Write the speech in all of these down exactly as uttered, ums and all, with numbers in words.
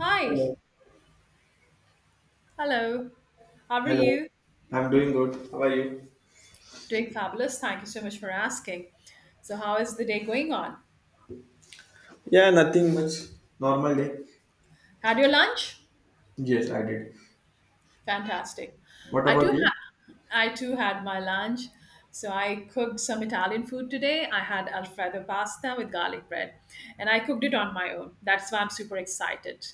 Hi. Hello. Hello. How are Hello. you? I'm doing good. How are you? Doing fabulous. Thank you so much for asking. So, how is the day going on? Yeah, nothing much. Normal day? Had your lunch? Yes, I did. Fantastic. What I about too you? ha- I too had my lunch. So I cooked some Italian food today. I had alfredo pasta with garlic bread, and I cooked it on my own. That's why I'm super excited.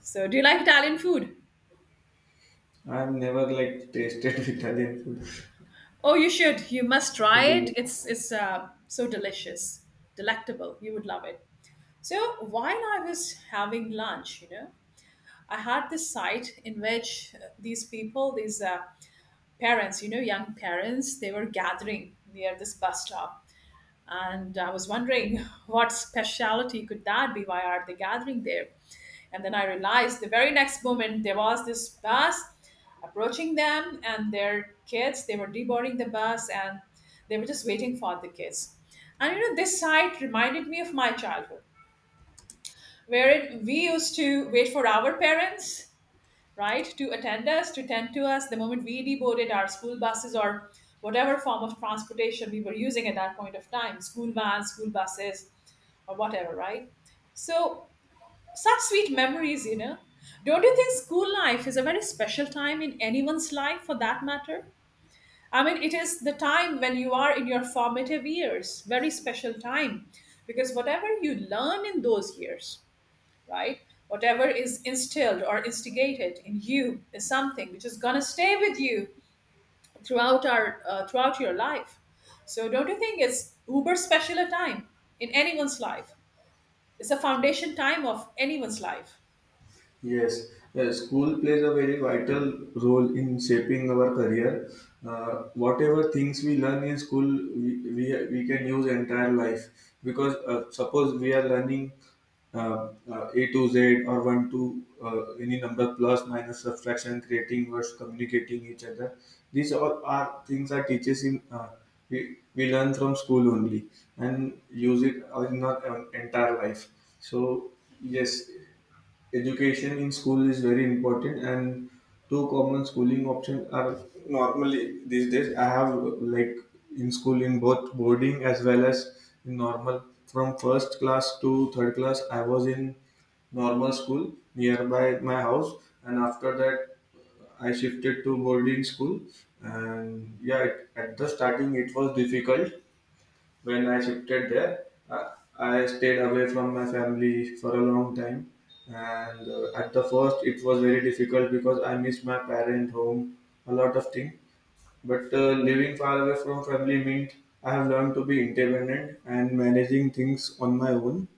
So, do you like Italian food? I've never like tasted Italian Oh, you should. You must try it. food. It's it's uh, so delicious, delectable. You would love it. So while I was having lunch, you know, I had this site in which uh, these people, these uh, parents, you know, young parents, they were gathering near this bus stop, and I was wondering what speciality could that be? Why are they gathering there? And then I realized the very next moment there was this bus approaching them and their kids. They were deboarding the bus and they were just waiting for the kids. And you know, this sight reminded me of my childhood wherein we used to wait for our parents, right, to attend us, to tend to us the moment we deboarded our school buses or whatever form of transportation we were using at that point of time, school vans, school buses, or whatever, right? So, such sweet memories, you know. Don't you think school life is a very special time in anyone's life for that matter? I mean, it is the time when you are in your formative years, very special time, because whatever you learn in those years, right? Whatever is instilled or instigated in you is something which is gonna stay with you throughout our uh, throughout your life. So don't you think it's uber special a time in anyone's life? It's a foundation time of anyone's life. Yes. Yes. School plays a very vital role in shaping our career. Uh, whatever things we learn in school, we, we, we can use entire life because uh, suppose we are learning uh, uh, A to Z or one to uh, any number plus minus subtraction, creating words, communicating each other. These all are things our teachers in uh, we, we learn from school only and use it in our en- entire life. So yes, education in school is very important, and two common schooling options are normally these days. I have like in school in both boarding as well as in normal. From first class to third class, I was in normal school nearby my house, and after that, I shifted to boarding school. And yeah, it, at the starting, it was difficult when I shifted there. Uh, I stayed away from my family for a long time. And uh, at the first, it was very difficult because I missed my parent home, a lot of things. But uh, living far away from family meant I have learned to be independent and managing things on my own.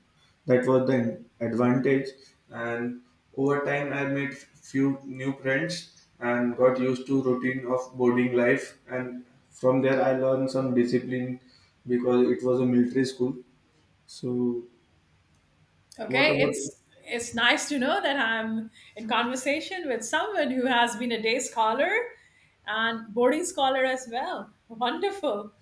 That was the advantage, and over time, I made few new friends and got used to routine of boarding life. And from there, I learned some discipline because it was a military school. So, what Okay, about? it's it's nice to know that I'm in conversation with someone who has been a day scholar and boarding scholar as well. Wonderful.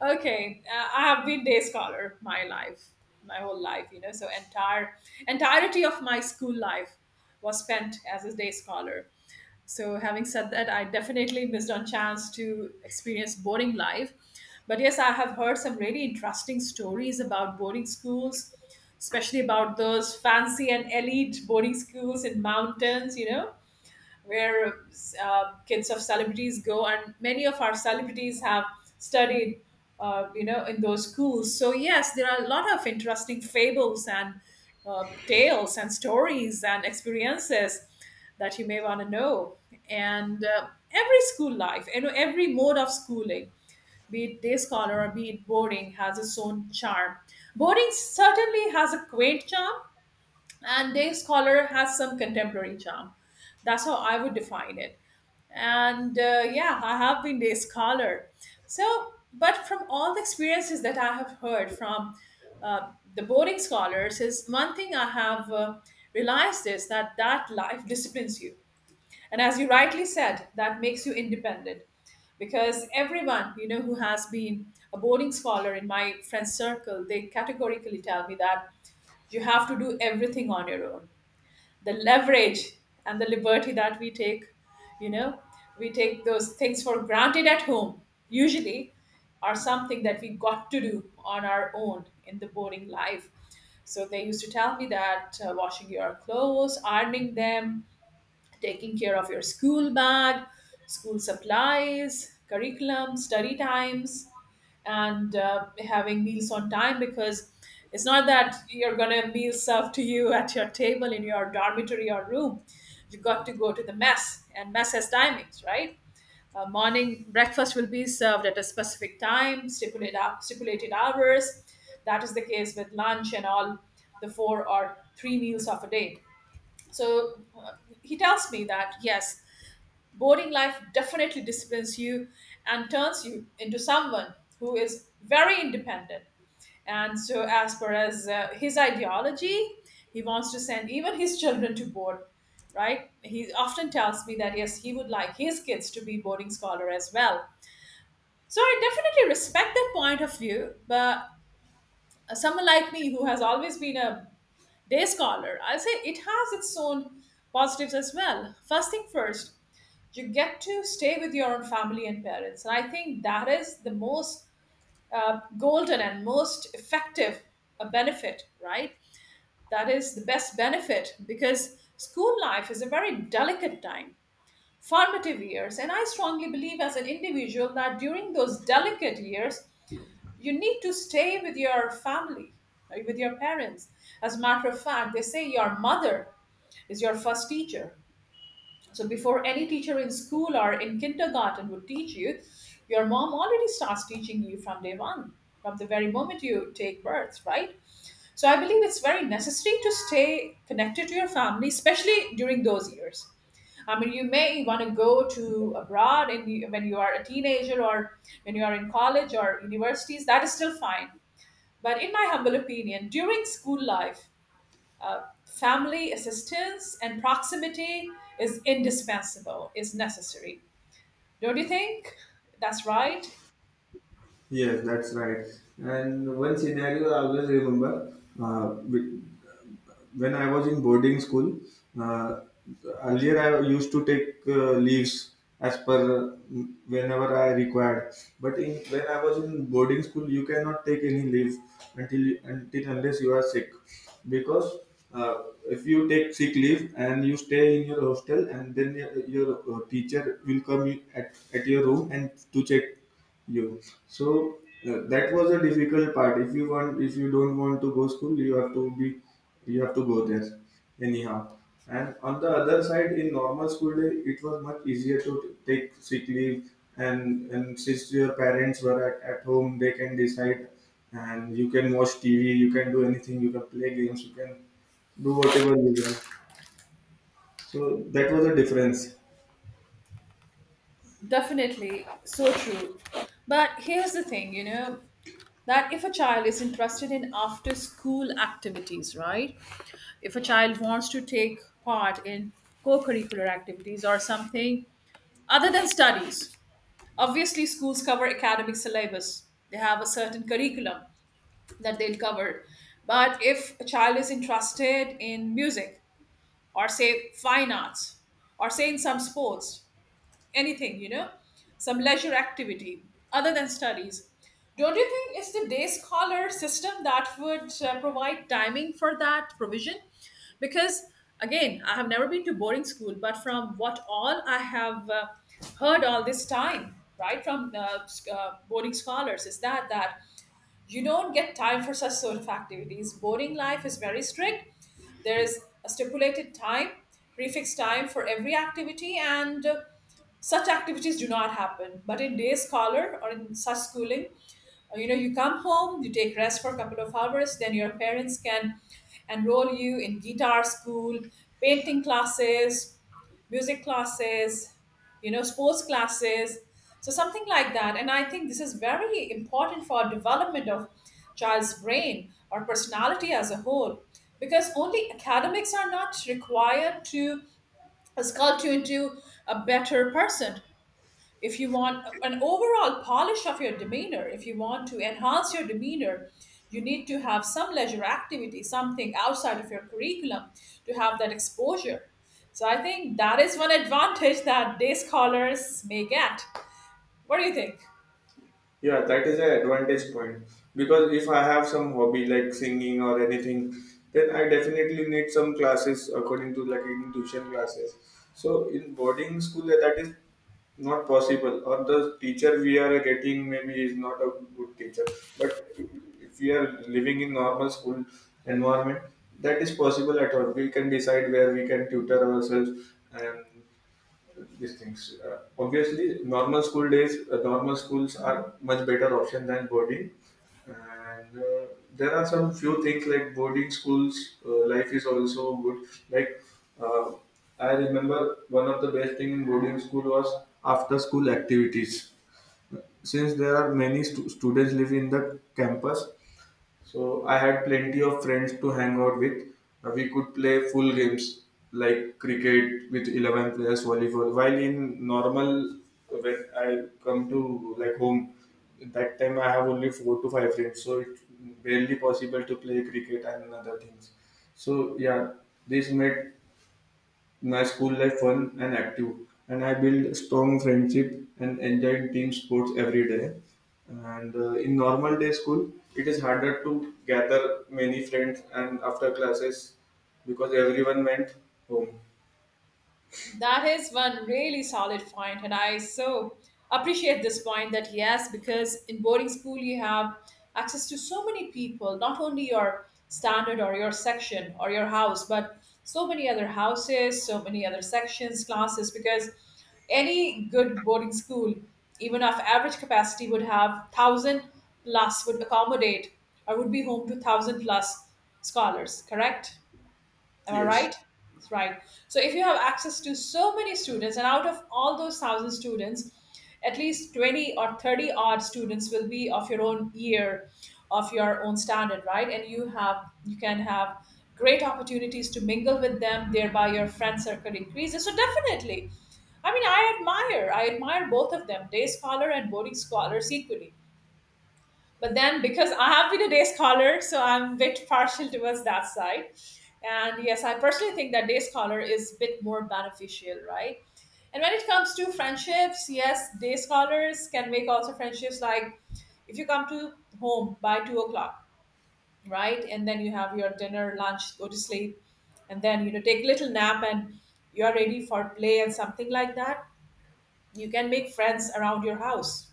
Okay, uh, I have been day scholar my life, my whole life, you know. So entire entirety of my school life was spent as a day scholar. So having said that, I definitely missed on chance to experience boarding life. But yes, I have heard some really interesting stories about boarding schools, especially about those fancy and elite boarding schools in mountains, you know, where uh, kids of celebrities go, and many of our celebrities have studied, uh, you know, in those schools. So yes, there are a lot of interesting fables and uh, tales and stories and experiences that you may want to know. And uh, every school life, you know, every mode of schooling, be it day scholar or be it boarding, has its own charm. Boarding certainly has a quaint charm, and their scholar has some contemporary charm. That's how I would define it. And uh, yeah, I have been their scholar. So, but from all the experiences that I have heard from uh, the boarding scholars, is one thing I have uh, realized is that that life disciplines you. And as you rightly said, that makes you independent, because everyone, you know, who has been a boarding scholar in my friend circle, they categorically tell me that you have to do everything on your own. The leverage and the liberty that we take, you know, we take those things for granted at home usually, are something that we got to do on our own in the boring life. So they used to tell me that uh, washing your clothes, ironing them, taking care of your school bag, school supplies, curriculum, study times, and uh, having meals on time, because it's not that you're going to meal served to you at your table in your dormitory or room. You got to go to the mess, and mess has timings, right? Uh, morning breakfast will be served at a specific time, stipulated, hou- stipulated hours. That is the case with lunch and all the four or three meals of a day. So uh, he tells me that yes, boarding life definitely disciplines you and turns you into someone who is very independent. And so, as far as uh, his ideology, he wants to send even his children to board, right? He often tells me that yes, he would like his kids to be boarding scholar as well. So I definitely respect that point of view, but someone like me who has always been a day scholar, I'll say it has its own positives as well. First thing first, you get to stay with your own family and parents, and I think that is the most uh, golden and most effective uh, benefit, right? That is the best benefit, because school life is a very delicate time, formative years, and I strongly believe as an individual that during those delicate years you need to stay with your family, right, with your parents. As a matter of fact, they say your mother is your first teacher. So before any teacher in school or in kindergarten would teach you, your mom already starts teaching you from day one, from the very moment you take birth, right? So I believe it's very necessary to stay connected to your family, especially during those years. I mean, you may want to go to abroad in the, when you are a teenager or when you are in college or universities. That is still fine. But in my humble opinion, during school life, uh, family assistance and proximity is indispensable, is necessary. Don't you think? That's right. Yes, that's right. And one scenario I always remember uh, with- when I was in boarding school, uh, earlier I used to take uh, leaves as per uh, whenever I required. But in when I was in boarding school, you cannot take any leave until until unless you are sick, because uh, if you take sick leave and you stay in your hostel, and then your, your uh, teacher will come at, at your room and to check you. So uh, that was a difficult part. If you want, if you don't want to go school, you have to be, you have to go there, anyhow. And on the other side, in normal school day, it was much easier to t- take sick leave, and and since your parents were at, at home, they can decide, and you can watch T V, you can do anything, you can play games, you can do whatever you want. So that was a difference. Definitely, so true. But here's the thing, you know, that if a child is interested in after school activities, right? If a child wants to take part in co curricular activities or something other than studies, obviously schools cover academic syllabus, they have a certain curriculum. that they'll cover. But if a child is interested in music or say fine arts or say in some sports, anything, you know, some leisure activity other than studies, don't you think it's the day scholar system that would uh, provide timing for that provision? Because again, I have never been to boarding school, but from what all I have uh, heard all this time, right, from uh, s- uh, boarding scholars, is that that you don't get time for such sort of activities. Boarding life is very strict. There is a stipulated time, prefixed time for every activity, and uh, such activities do not happen. But in day scholar or in such schooling, uh, you know, you come home, you take rest for a couple of hours, then your parents can enroll you in guitar school, painting classes, music classes, you know, sports classes. So something like that. And I think this is very important for development of child's brain or personality as a whole, because only academics are not required to sculpt you into a better person. If you want an overall polish of your demeanor, if you want to enhance your demeanor, you need to have some leisure activity, something outside of your curriculum to have that exposure. So I think that is one advantage that day scholars may get. What do you think? Yeah, that is an advantage point because if I have some hobby like singing or anything, then I definitely need some classes according to like in tuition classes. So in boarding school, that that is not possible, or the teacher we are getting maybe is not a good teacher. But if we are living in normal school environment, that is possible at all. We can decide where we can tutor ourselves and these things. Uh, obviously, normal school days, uh, normal schools are much better option than boarding. And uh, there are some few things like boarding schools. Uh, life is also good. Like, uh, I remember one of the best thing in boarding school was after school activities. Since there are many stu- students live in the campus, so I had plenty of friends to hang out with. Uh, we could play full games like cricket with eleven players, volleyball. While in normal, when I come to like home, that time I have only four to five friends, so it's barely possible to play cricket and other things. So yeah, this made my school life fun and active, and I built strong friendship and enjoyed team sports every day. And uh, in normal day school, it is harder to gather many friends and after classes because everyone went home. That is one really solid point, and I so appreciate this point that yes, because in boarding school you have access to so many people, not only your standard or your section or your house, but so many other houses, so many other sections, classes, because any good boarding school, even of average capacity, would have thousand plus, would accommodate or would be home to thousand plus scholars, correct? Am I Yes. right? That's right. So if you have access to so many students, and out of all those thousand students, at least twenty or thirty odd students will be of your own year, of your own standard, right? And you have you can have great opportunities to mingle with them, thereby your friend circle increases. So definitely. I mean, I admire, I admire both of them, day scholar and boarding scholars equally. But then, because I have been a day scholar, so I'm a bit partial towards that side. And yes, I personally think that day scholar is a bit more beneficial, right? And when it comes to friendships, yes, day scholars can make also friendships, like if you come to home by two o'clock, right? And then you have your dinner, lunch, go to sleep, and then you know take a little nap and you're ready for play and something like that. You can make friends around your house.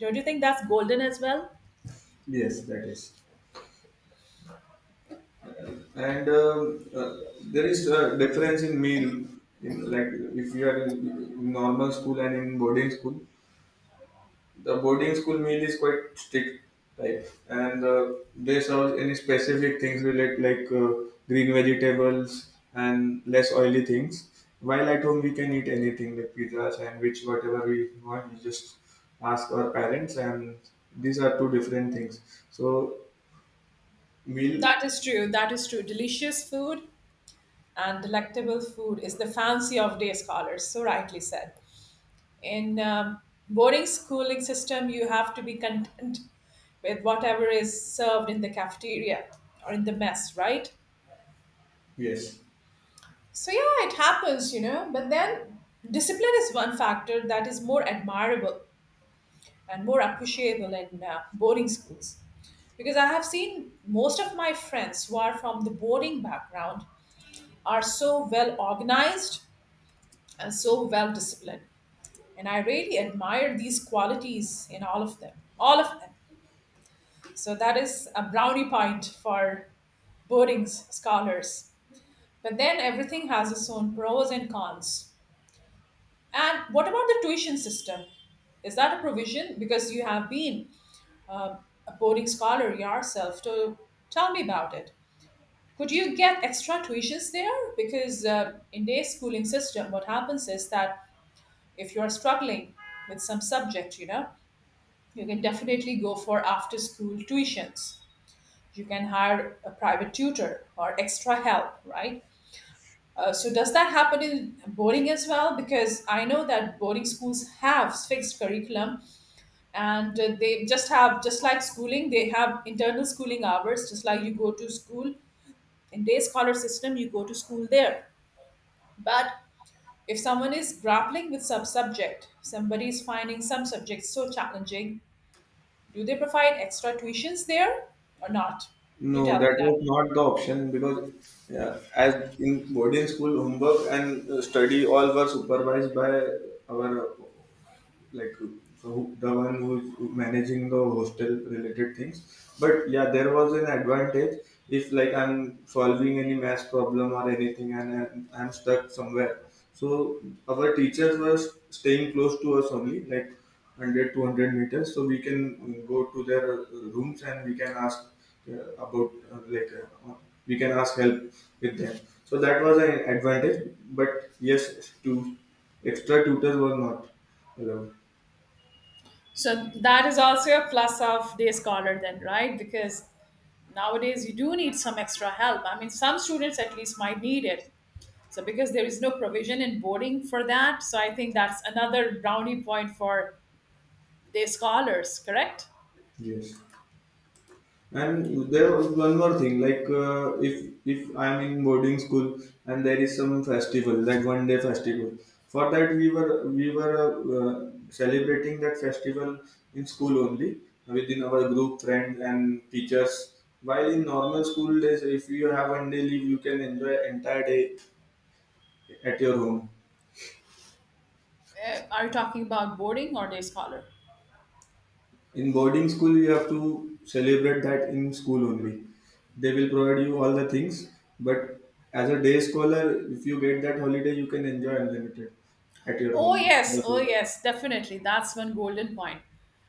Don't you think that's golden as well? Yes, that is. And um, uh, there is a difference in meal in like if you are in normal school and in boarding school, the boarding school meal is quite strict, right? And uh, they serve any specific things related like uh, green vegetables and less oily things, while at home we can eat anything like pizza sandwich, whatever we want. We just ask our parents. And these are two different things, so meal. That is true. That is true. Delicious food and delectable food is the fancy of day scholars, so rightly said. In um, boarding schooling system, you have to be content with whatever is served in the cafeteria or in the mess, right? Yes. So yeah, it happens, you know. But then discipline is one factor that is more admirable and more appreciable in uh, boarding schools, because I have seen most of my friends who are from the boarding background are so well organized and so well disciplined. And I really admire these qualities in all of them, all of them. So that is a brownie point for Boarding's scholars. But then everything has its own pros and cons. And what about the tuition system? Is that a provision? Because you have been um, a boarding scholar yourself. So tell me about it. Could you get extra tuitions there? Because uh, in day schooling system, what happens is that if you're struggling with some subject, you know, you can definitely go for after school tuitions. You can hire a private tutor or extra help, right? Uh, so, does that happen in boarding as well? Because I know that boarding schools have fixed curriculum, and uh, they just have, just like schooling, they have internal schooling hours. Just like you go to school in day scholar system, you go to school there. But if someone is grappling with some subject, somebody is finding some subjects so challenging, do they provide extra tuitions there or not? Do No, tell me that that. was not the option because yeah, as in boarding school, homework and uh, study all were supervised by our, like, so, who, the one who's managing the hostel related things. But yeah, there was an advantage if like I'm solving any math problem or anything, and i'm, I'm stuck somewhere, so our teachers were staying close to us only, like, one hundred two hundred meters, so we can go to their uh, rooms and we can ask uh, about uh, like uh, we can ask help with them. So that was an advantage, but yes to extra tutors were not allowed. So that is also a plus of day scholar then, right? Because nowadays you do need some extra help. I mean, some students at least might need it. So because there is no provision in boarding for that, so I think that's another brownie point for day scholars, correct? Yes, and there was one more thing. Like, uh, if if I'm in boarding school and there is some festival, like one day festival. For that, we were we were uh, celebrating that festival in school only, within our group friends and teachers. While in normal school days, if you have one day leave, you can enjoy entire day at your home. Uh, are you talking about boarding or day scholar? In boarding school, you have to celebrate that in school only. They will provide you all the things, but as a day scholar, if you get that holiday, you can enjoy unlimited at your Oh home. yes, oh yes, definitely. That's one golden point.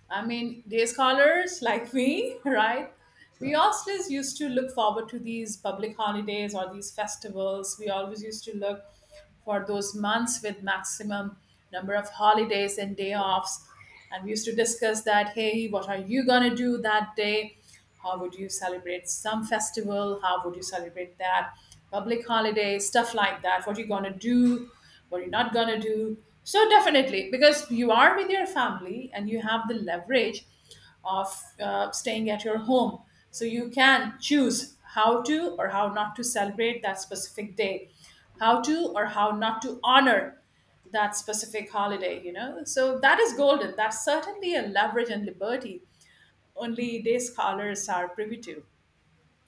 I mean, day scholars like me, right? We always used to look forward to these public holidays or these festivals. We always used to look for those months with maximum number of holidays and day offs. And we used to discuss that, hey, what are you going to do that day? How would you celebrate some festival? How would you celebrate that? Public holiday, stuff like that. What are you going to do? What are you not going to do? So, definitely, because you are with your family and you have the leverage of uh, staying at your home. So you can choose how to or how not to celebrate that specific day, how to or how not to honor that specific holiday, you know? So that is golden. That's certainly a leverage and liberty only day scholars are privy to.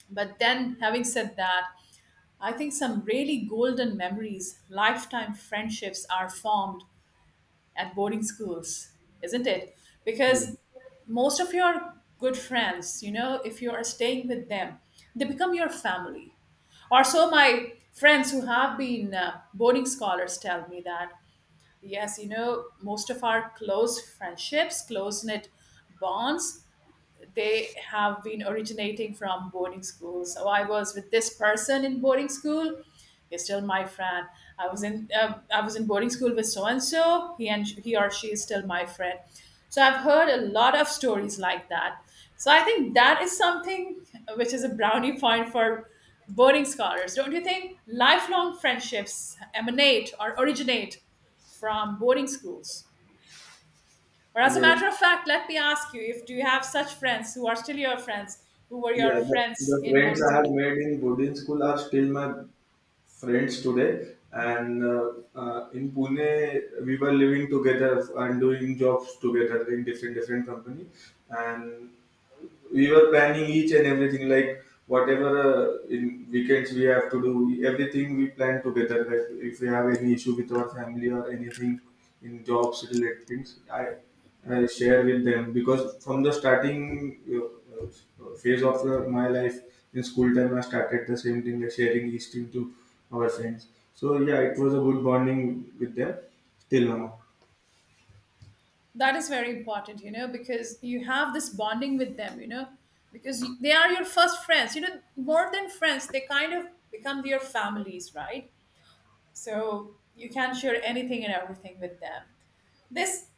But then, having said that, I think some really golden memories, lifetime friendships are formed at boarding schools, isn't it? Yeah. Because most of your good friends, you know, if you are staying with them, they become your family. Or so my friends who have been uh, boarding scholars tell me that. Yes, you know, most of our close friendships, close knit bonds, they have been originating from boarding school. So I was with this person in boarding school. He's still my friend. I was in uh, I was in boarding school with so and so. He and he or she is still my friend. So I've heard a lot of stories like that. So I think that is something which is a brownie point for boarding scholars. Don't you think lifelong friendships emanate or originate from boarding schools? Or as a Yes, matter of fact, let me ask you, if do you have such friends who are still your friends, who were your yeah, the, friends the in friends boarding I have school? made in boarding school are still my friends today. And uh, uh, in Pune, we were living together and doing jobs together in different different company. And we were planning each and everything, like whatever uh, in weekends we have to do, everything we plan together. Like if we have any issue with our family or anything in jobs related things, i, I share with them, because from the starting uh, uh, phase of uh, my life, in school time I started the same thing, like sharing each thing to our friends. So yeah, it was a good bonding with them till now. That is very important, you know, because you have this bonding with them, you know, because you, they are your first friends, you know, more than friends, they kind of become your families, right? So you can share anything and everything with them. This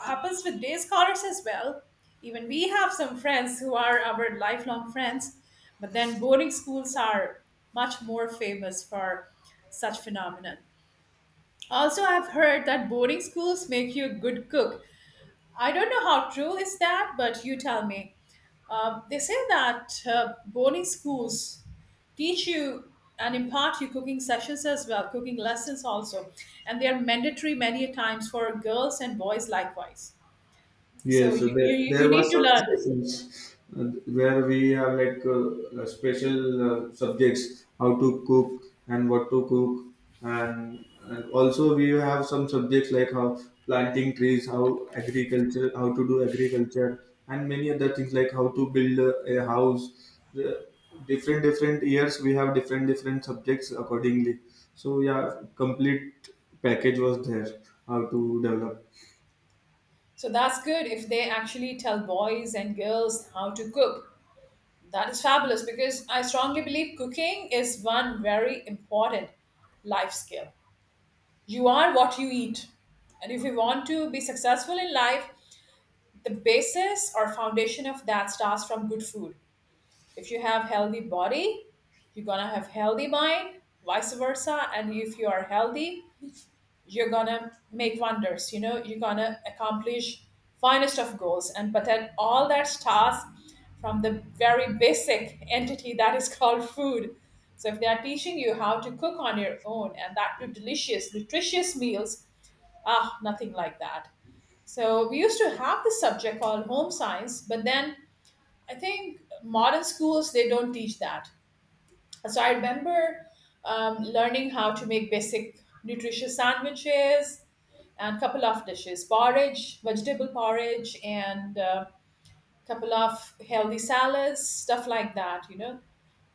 happens with day scholars as well. Even we have some friends who are our lifelong friends, but then boarding schools are much more famous for such phenomenon. Also, I've heard that boarding schools make you a good cook. I don't know how true is that, but you tell me. Uh, they say that uh, boarding schools teach you and impart you cooking sessions as well, cooking lessons also, and they are mandatory many a times for girls and boys likewise. So Yes, so you, you, there, you there were need to some learn. sessions uh, where we have like uh, uh, special uh, subjects, how to cook and what to cook. And, and also we have some subjects like how planting trees, how agriculture, how to do agriculture, and many other things like how to build a, a house. The different different years we have different different subjects accordingly. So yeah, complete package was there, how to develop. So that's good if they actually tell boys and girls how to cook. That is fabulous because I strongly believe cooking is one very important life skill. You are what you eat. And if you want to be successful in life, the basis or foundation of that starts from good food. If you have healthy body, you're gonna have healthy mind, vice versa. And if you are healthy, you're gonna make wonders, you know, you're gonna accomplish finest of goals. And but then all that starts from the very basic entity that is called food. So if they are teaching you how to cook on your own, and that to delicious nutritious meals, ah, nothing like that. So we used to have this subject called home science, but then I think modern schools, they don't teach that. So I remember um, learning how to make basic nutritious sandwiches and couple of dishes, porridge, vegetable porridge, and uh, couple of healthy salads, stuff like that, you know,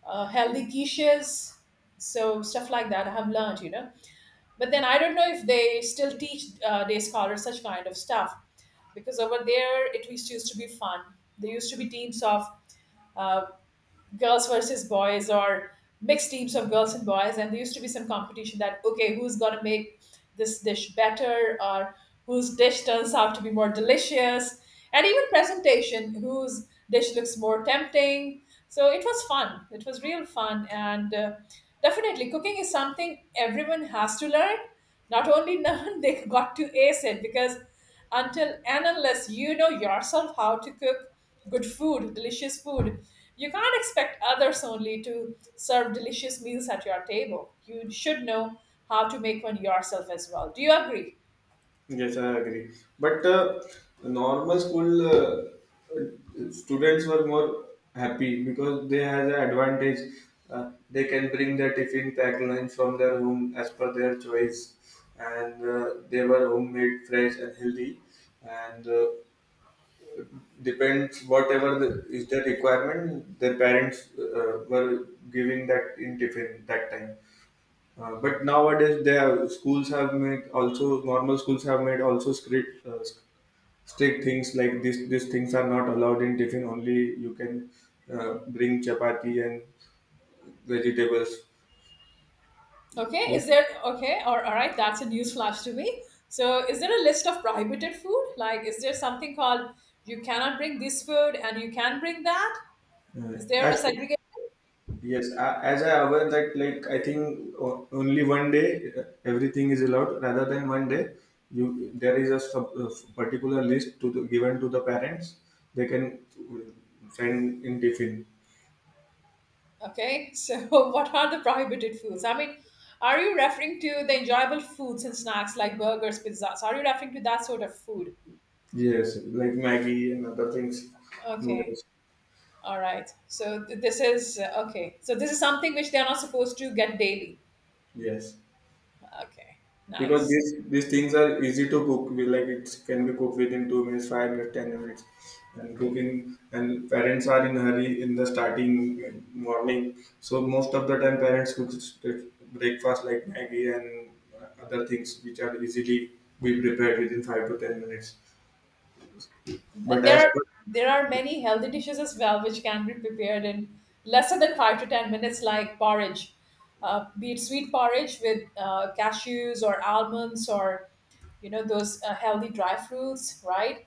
uh, healthy quiches. So stuff like that I have learned, you know. But then I don't know if they still teach uh, day scholars such kind of stuff, because over there it used used to be fun. There used to be teams of uh, girls versus boys, or mixed teams of girls and boys, and there used to be some competition that, okay, who's going to make this dish better, or whose dish turns out to be more delicious, and even presentation, whose dish looks more tempting. So it was fun, it was real fun. And uh, definitely cooking is something everyone has to learn, not only learn, they got to ace it, because until and unless you know yourself how to cook good food, delicious food, you can't expect others only to serve delicious meals at your table. You should know how to make one yourself as well. Do you agree? Yes, I agree. But uh, normal school uh, students were more happy because they had the advantage. Uh, they can bring their tiffin pack lunch from their home as per their choice, and uh, they were homemade, fresh, and healthy. And uh, depends whatever the, is their requirement, their parents uh, were giving that in tiffin that time. Uh, but nowadays, their schools have made, also normal schools have made also, script uh, strict things like this, these things are not allowed in tiffin. Only you can uh, bring chapati and vegetables. Okay, What? is there okay? Or all right, that's a news flash to me. So, is there a list of prohibited food? Like, is there something called you cannot bring this food and you can bring that? Uh, Is there as a segregation? Yes, a- as I aware that, like, I think o- only one day uh, everything is allowed rather than one day. You, there is a sub, uh, particular list to the, given to the parents. They can uh, send in tiffin. Okay, so what are the prohibited foods? I mean, are you referring to the enjoyable foods and snacks like burgers, pizzas? Are you referring to that sort of food? Yes, like Maggie and other things. Okay, Noodles. all right. So th- this is uh, okay. So this is something which they are not supposed to get daily. Yes, Okay, because nice. these these things are easy to cook. We like it can be cooked within two minutes, five minutes, ten minutes. And cooking and parents are in hurry in the starting uh, morning, so most of the time parents cook st- breakfast like Maggie and uh, other things which are easily be prepared within five to ten minutes. And But there as are, per there are many healthy dishes as well which can be prepared in lesser than five to ten minutes, like porridge, uh, be it sweet porridge with uh, cashews or almonds, or you know those uh, healthy dry fruits, right?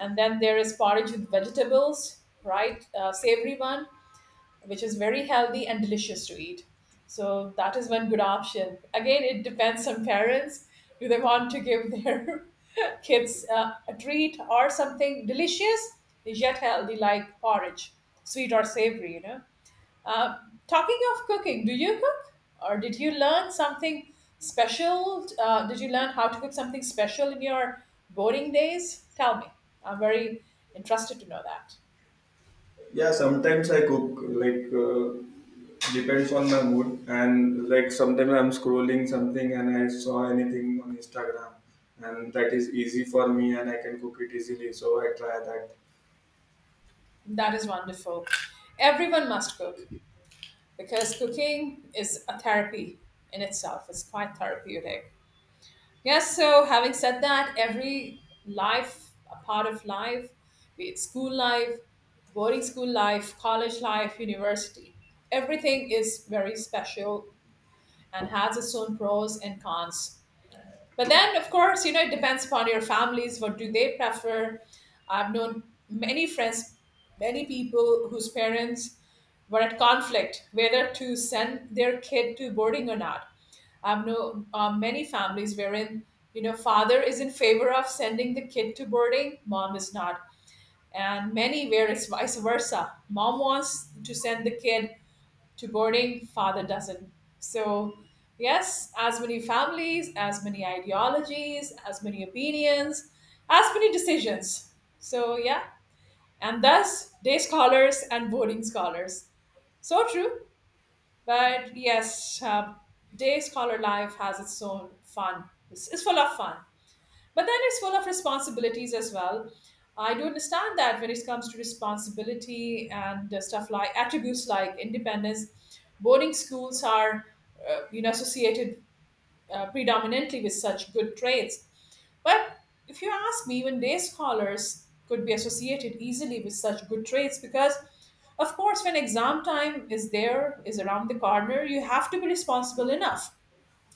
And then there is porridge with vegetables, right, uh, savory one, which is very healthy and delicious to eat. So that is one good option. Again, it depends on parents. Do they want to give their kids uh, a treat, or something delicious yet healthy, like porridge, sweet or savory? You know. Uh, Talking of cooking, do you cook, or did you learn something special? Uh, did you learn how to cook something special in your boarding days? Tell me. I'm very interested to know that. yeah, sometimes I cook like. Uh, depends on my mood. And, like, sometimes I'm scrolling something and I saw anything on Instagram and that is easy for me and I can cook it easily, so I try that. That is wonderful. Everyone must cook, because cooking is a therapy in itself. It's quite therapeutic. Yes, so having said that, every life, a part of life, be it school life, boarding school life, college life, university, everything is very special and has its own pros and cons. But then, of course, you know, it depends upon your families. What do they prefer? I've known many friends, many people whose parents were at conflict whether to send their kid to boarding or not. I've known uh, many families wherein, you know, father is in favor of sending the kid to boarding, mom is not. And many where it's vice versa. Mom wants to send the kid to boarding, father doesn't. So, yes, as many families, as many ideologies, as many opinions, as many decisions. So, yeah, and thus day scholars and boarding scholars. So true, but yes, uh, day scholar life has its own fun. It's, it's full of fun. But then it's full of responsibilities as well. I do understand that when it comes to responsibility and uh, stuff like attributes like independence, boarding schools are uh, you know, associated uh, predominantly with such good traits. But if you ask me, even day scholars could be associated easily with such good traits because, of course, when exam time is there, is around the corner, you have to be responsible enough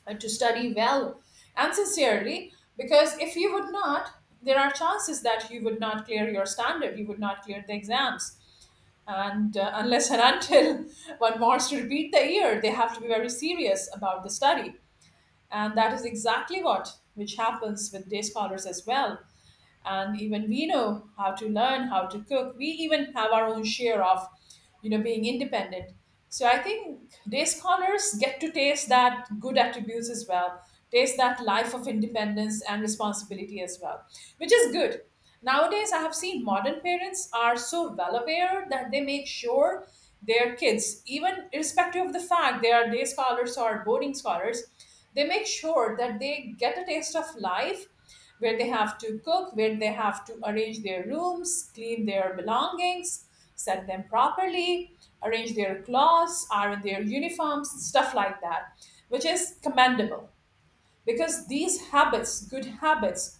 uh, to study well and sincerely, because if you would not, there are chances that you would not clear your standard, you would not clear the exams. And uh, unless and until one wants to repeat the year, they have to be very serious about the study. And that is exactly what, which happens with day scholars as well. And even we know how to learn how to cook, we even have our own share of, you know, being independent. So I think day scholars get to taste that good attributes as well, taste that life of independence and responsibility as well, which is good. Nowadays I have seen modern parents are so well aware that they make sure their kids, even irrespective of the fact they are day scholars or boarding scholars, they make sure that they get a taste of life where they have to cook, where they have to arrange their rooms, clean their belongings, set them properly, arrange their clothes, iron their uniforms, stuff like that, which is commendable, because these habits, good habits,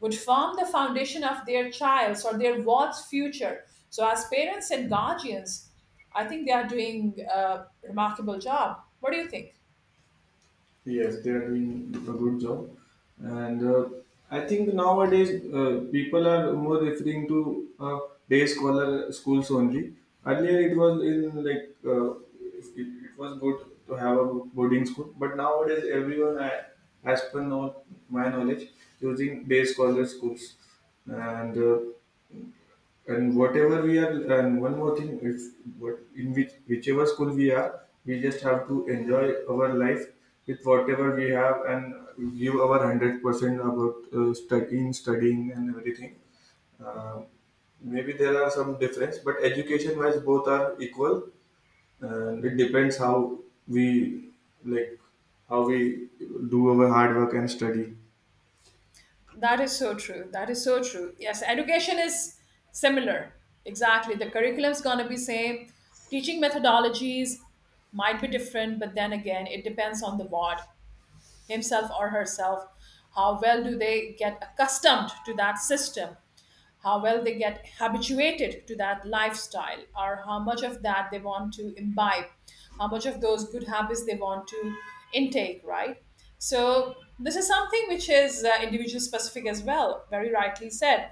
would form the foundation of their child's or their ward's future. So, as parents and guardians, I think they are doing a remarkable job. What do you think? Yes, they are doing a good job. And uh, I think nowadays uh, people are more referring to uh, day scholar schools only. Earlier it was in like, uh, it, it was good to have a boarding school, but nowadays everyone, I- as per know, my knowledge, using day scholar schools. And uh, and whatever we are, and one more thing, if what in which whichever school we are, we just have to enjoy our life with whatever we have and give our one hundred percent about uh, studying studying and everything. Uh, maybe there are some difference, but education wise, both are equal. And it depends how we, like, how we do our hard work and study. That is so true. That is so true. Yes, education is similar. Exactly. The curriculum's going to be same. Teaching methodologies might be different, but then again, it depends on the what, himself or herself, how well do they get accustomed to that system, how well they get habituated to that lifestyle, or how much of that they want to imbibe, how much of those good habits they want to intake, right? So this is something which is uh, individual specific as well, very rightly said.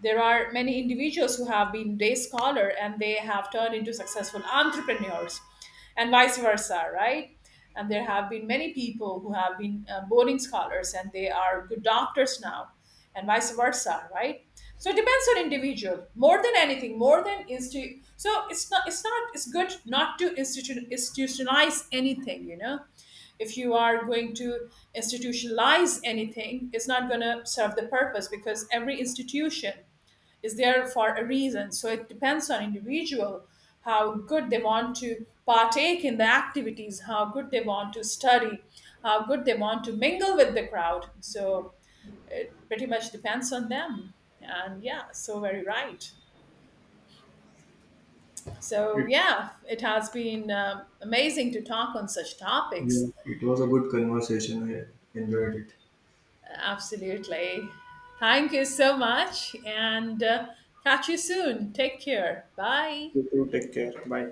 There are many individuals who have been day scholar and they have turned into successful entrepreneurs, and vice versa, right? And there have been many people who have been uh, boarding scholars and they are good doctors now, and vice versa, right? So it depends on individual more than anything, more than institute. So it's not it's not it's good not to institution institutionalize anything, you know. If you are going to institutionalize anything, it's not going to serve the purpose, because every institution is there for a reason. So it depends on individual how good they want to partake in the activities, how good they want to study, how good they want to mingle with the crowd. So pretty much depends on them. And yeah, so very right. So yeah, it has been um, amazing to talk on such Yeah. topics. It was a good conversation. I enjoyed it. Absolutely. Thank you so much, and uh, catch you soon. Take care. Bye. You too. Take care. Bye.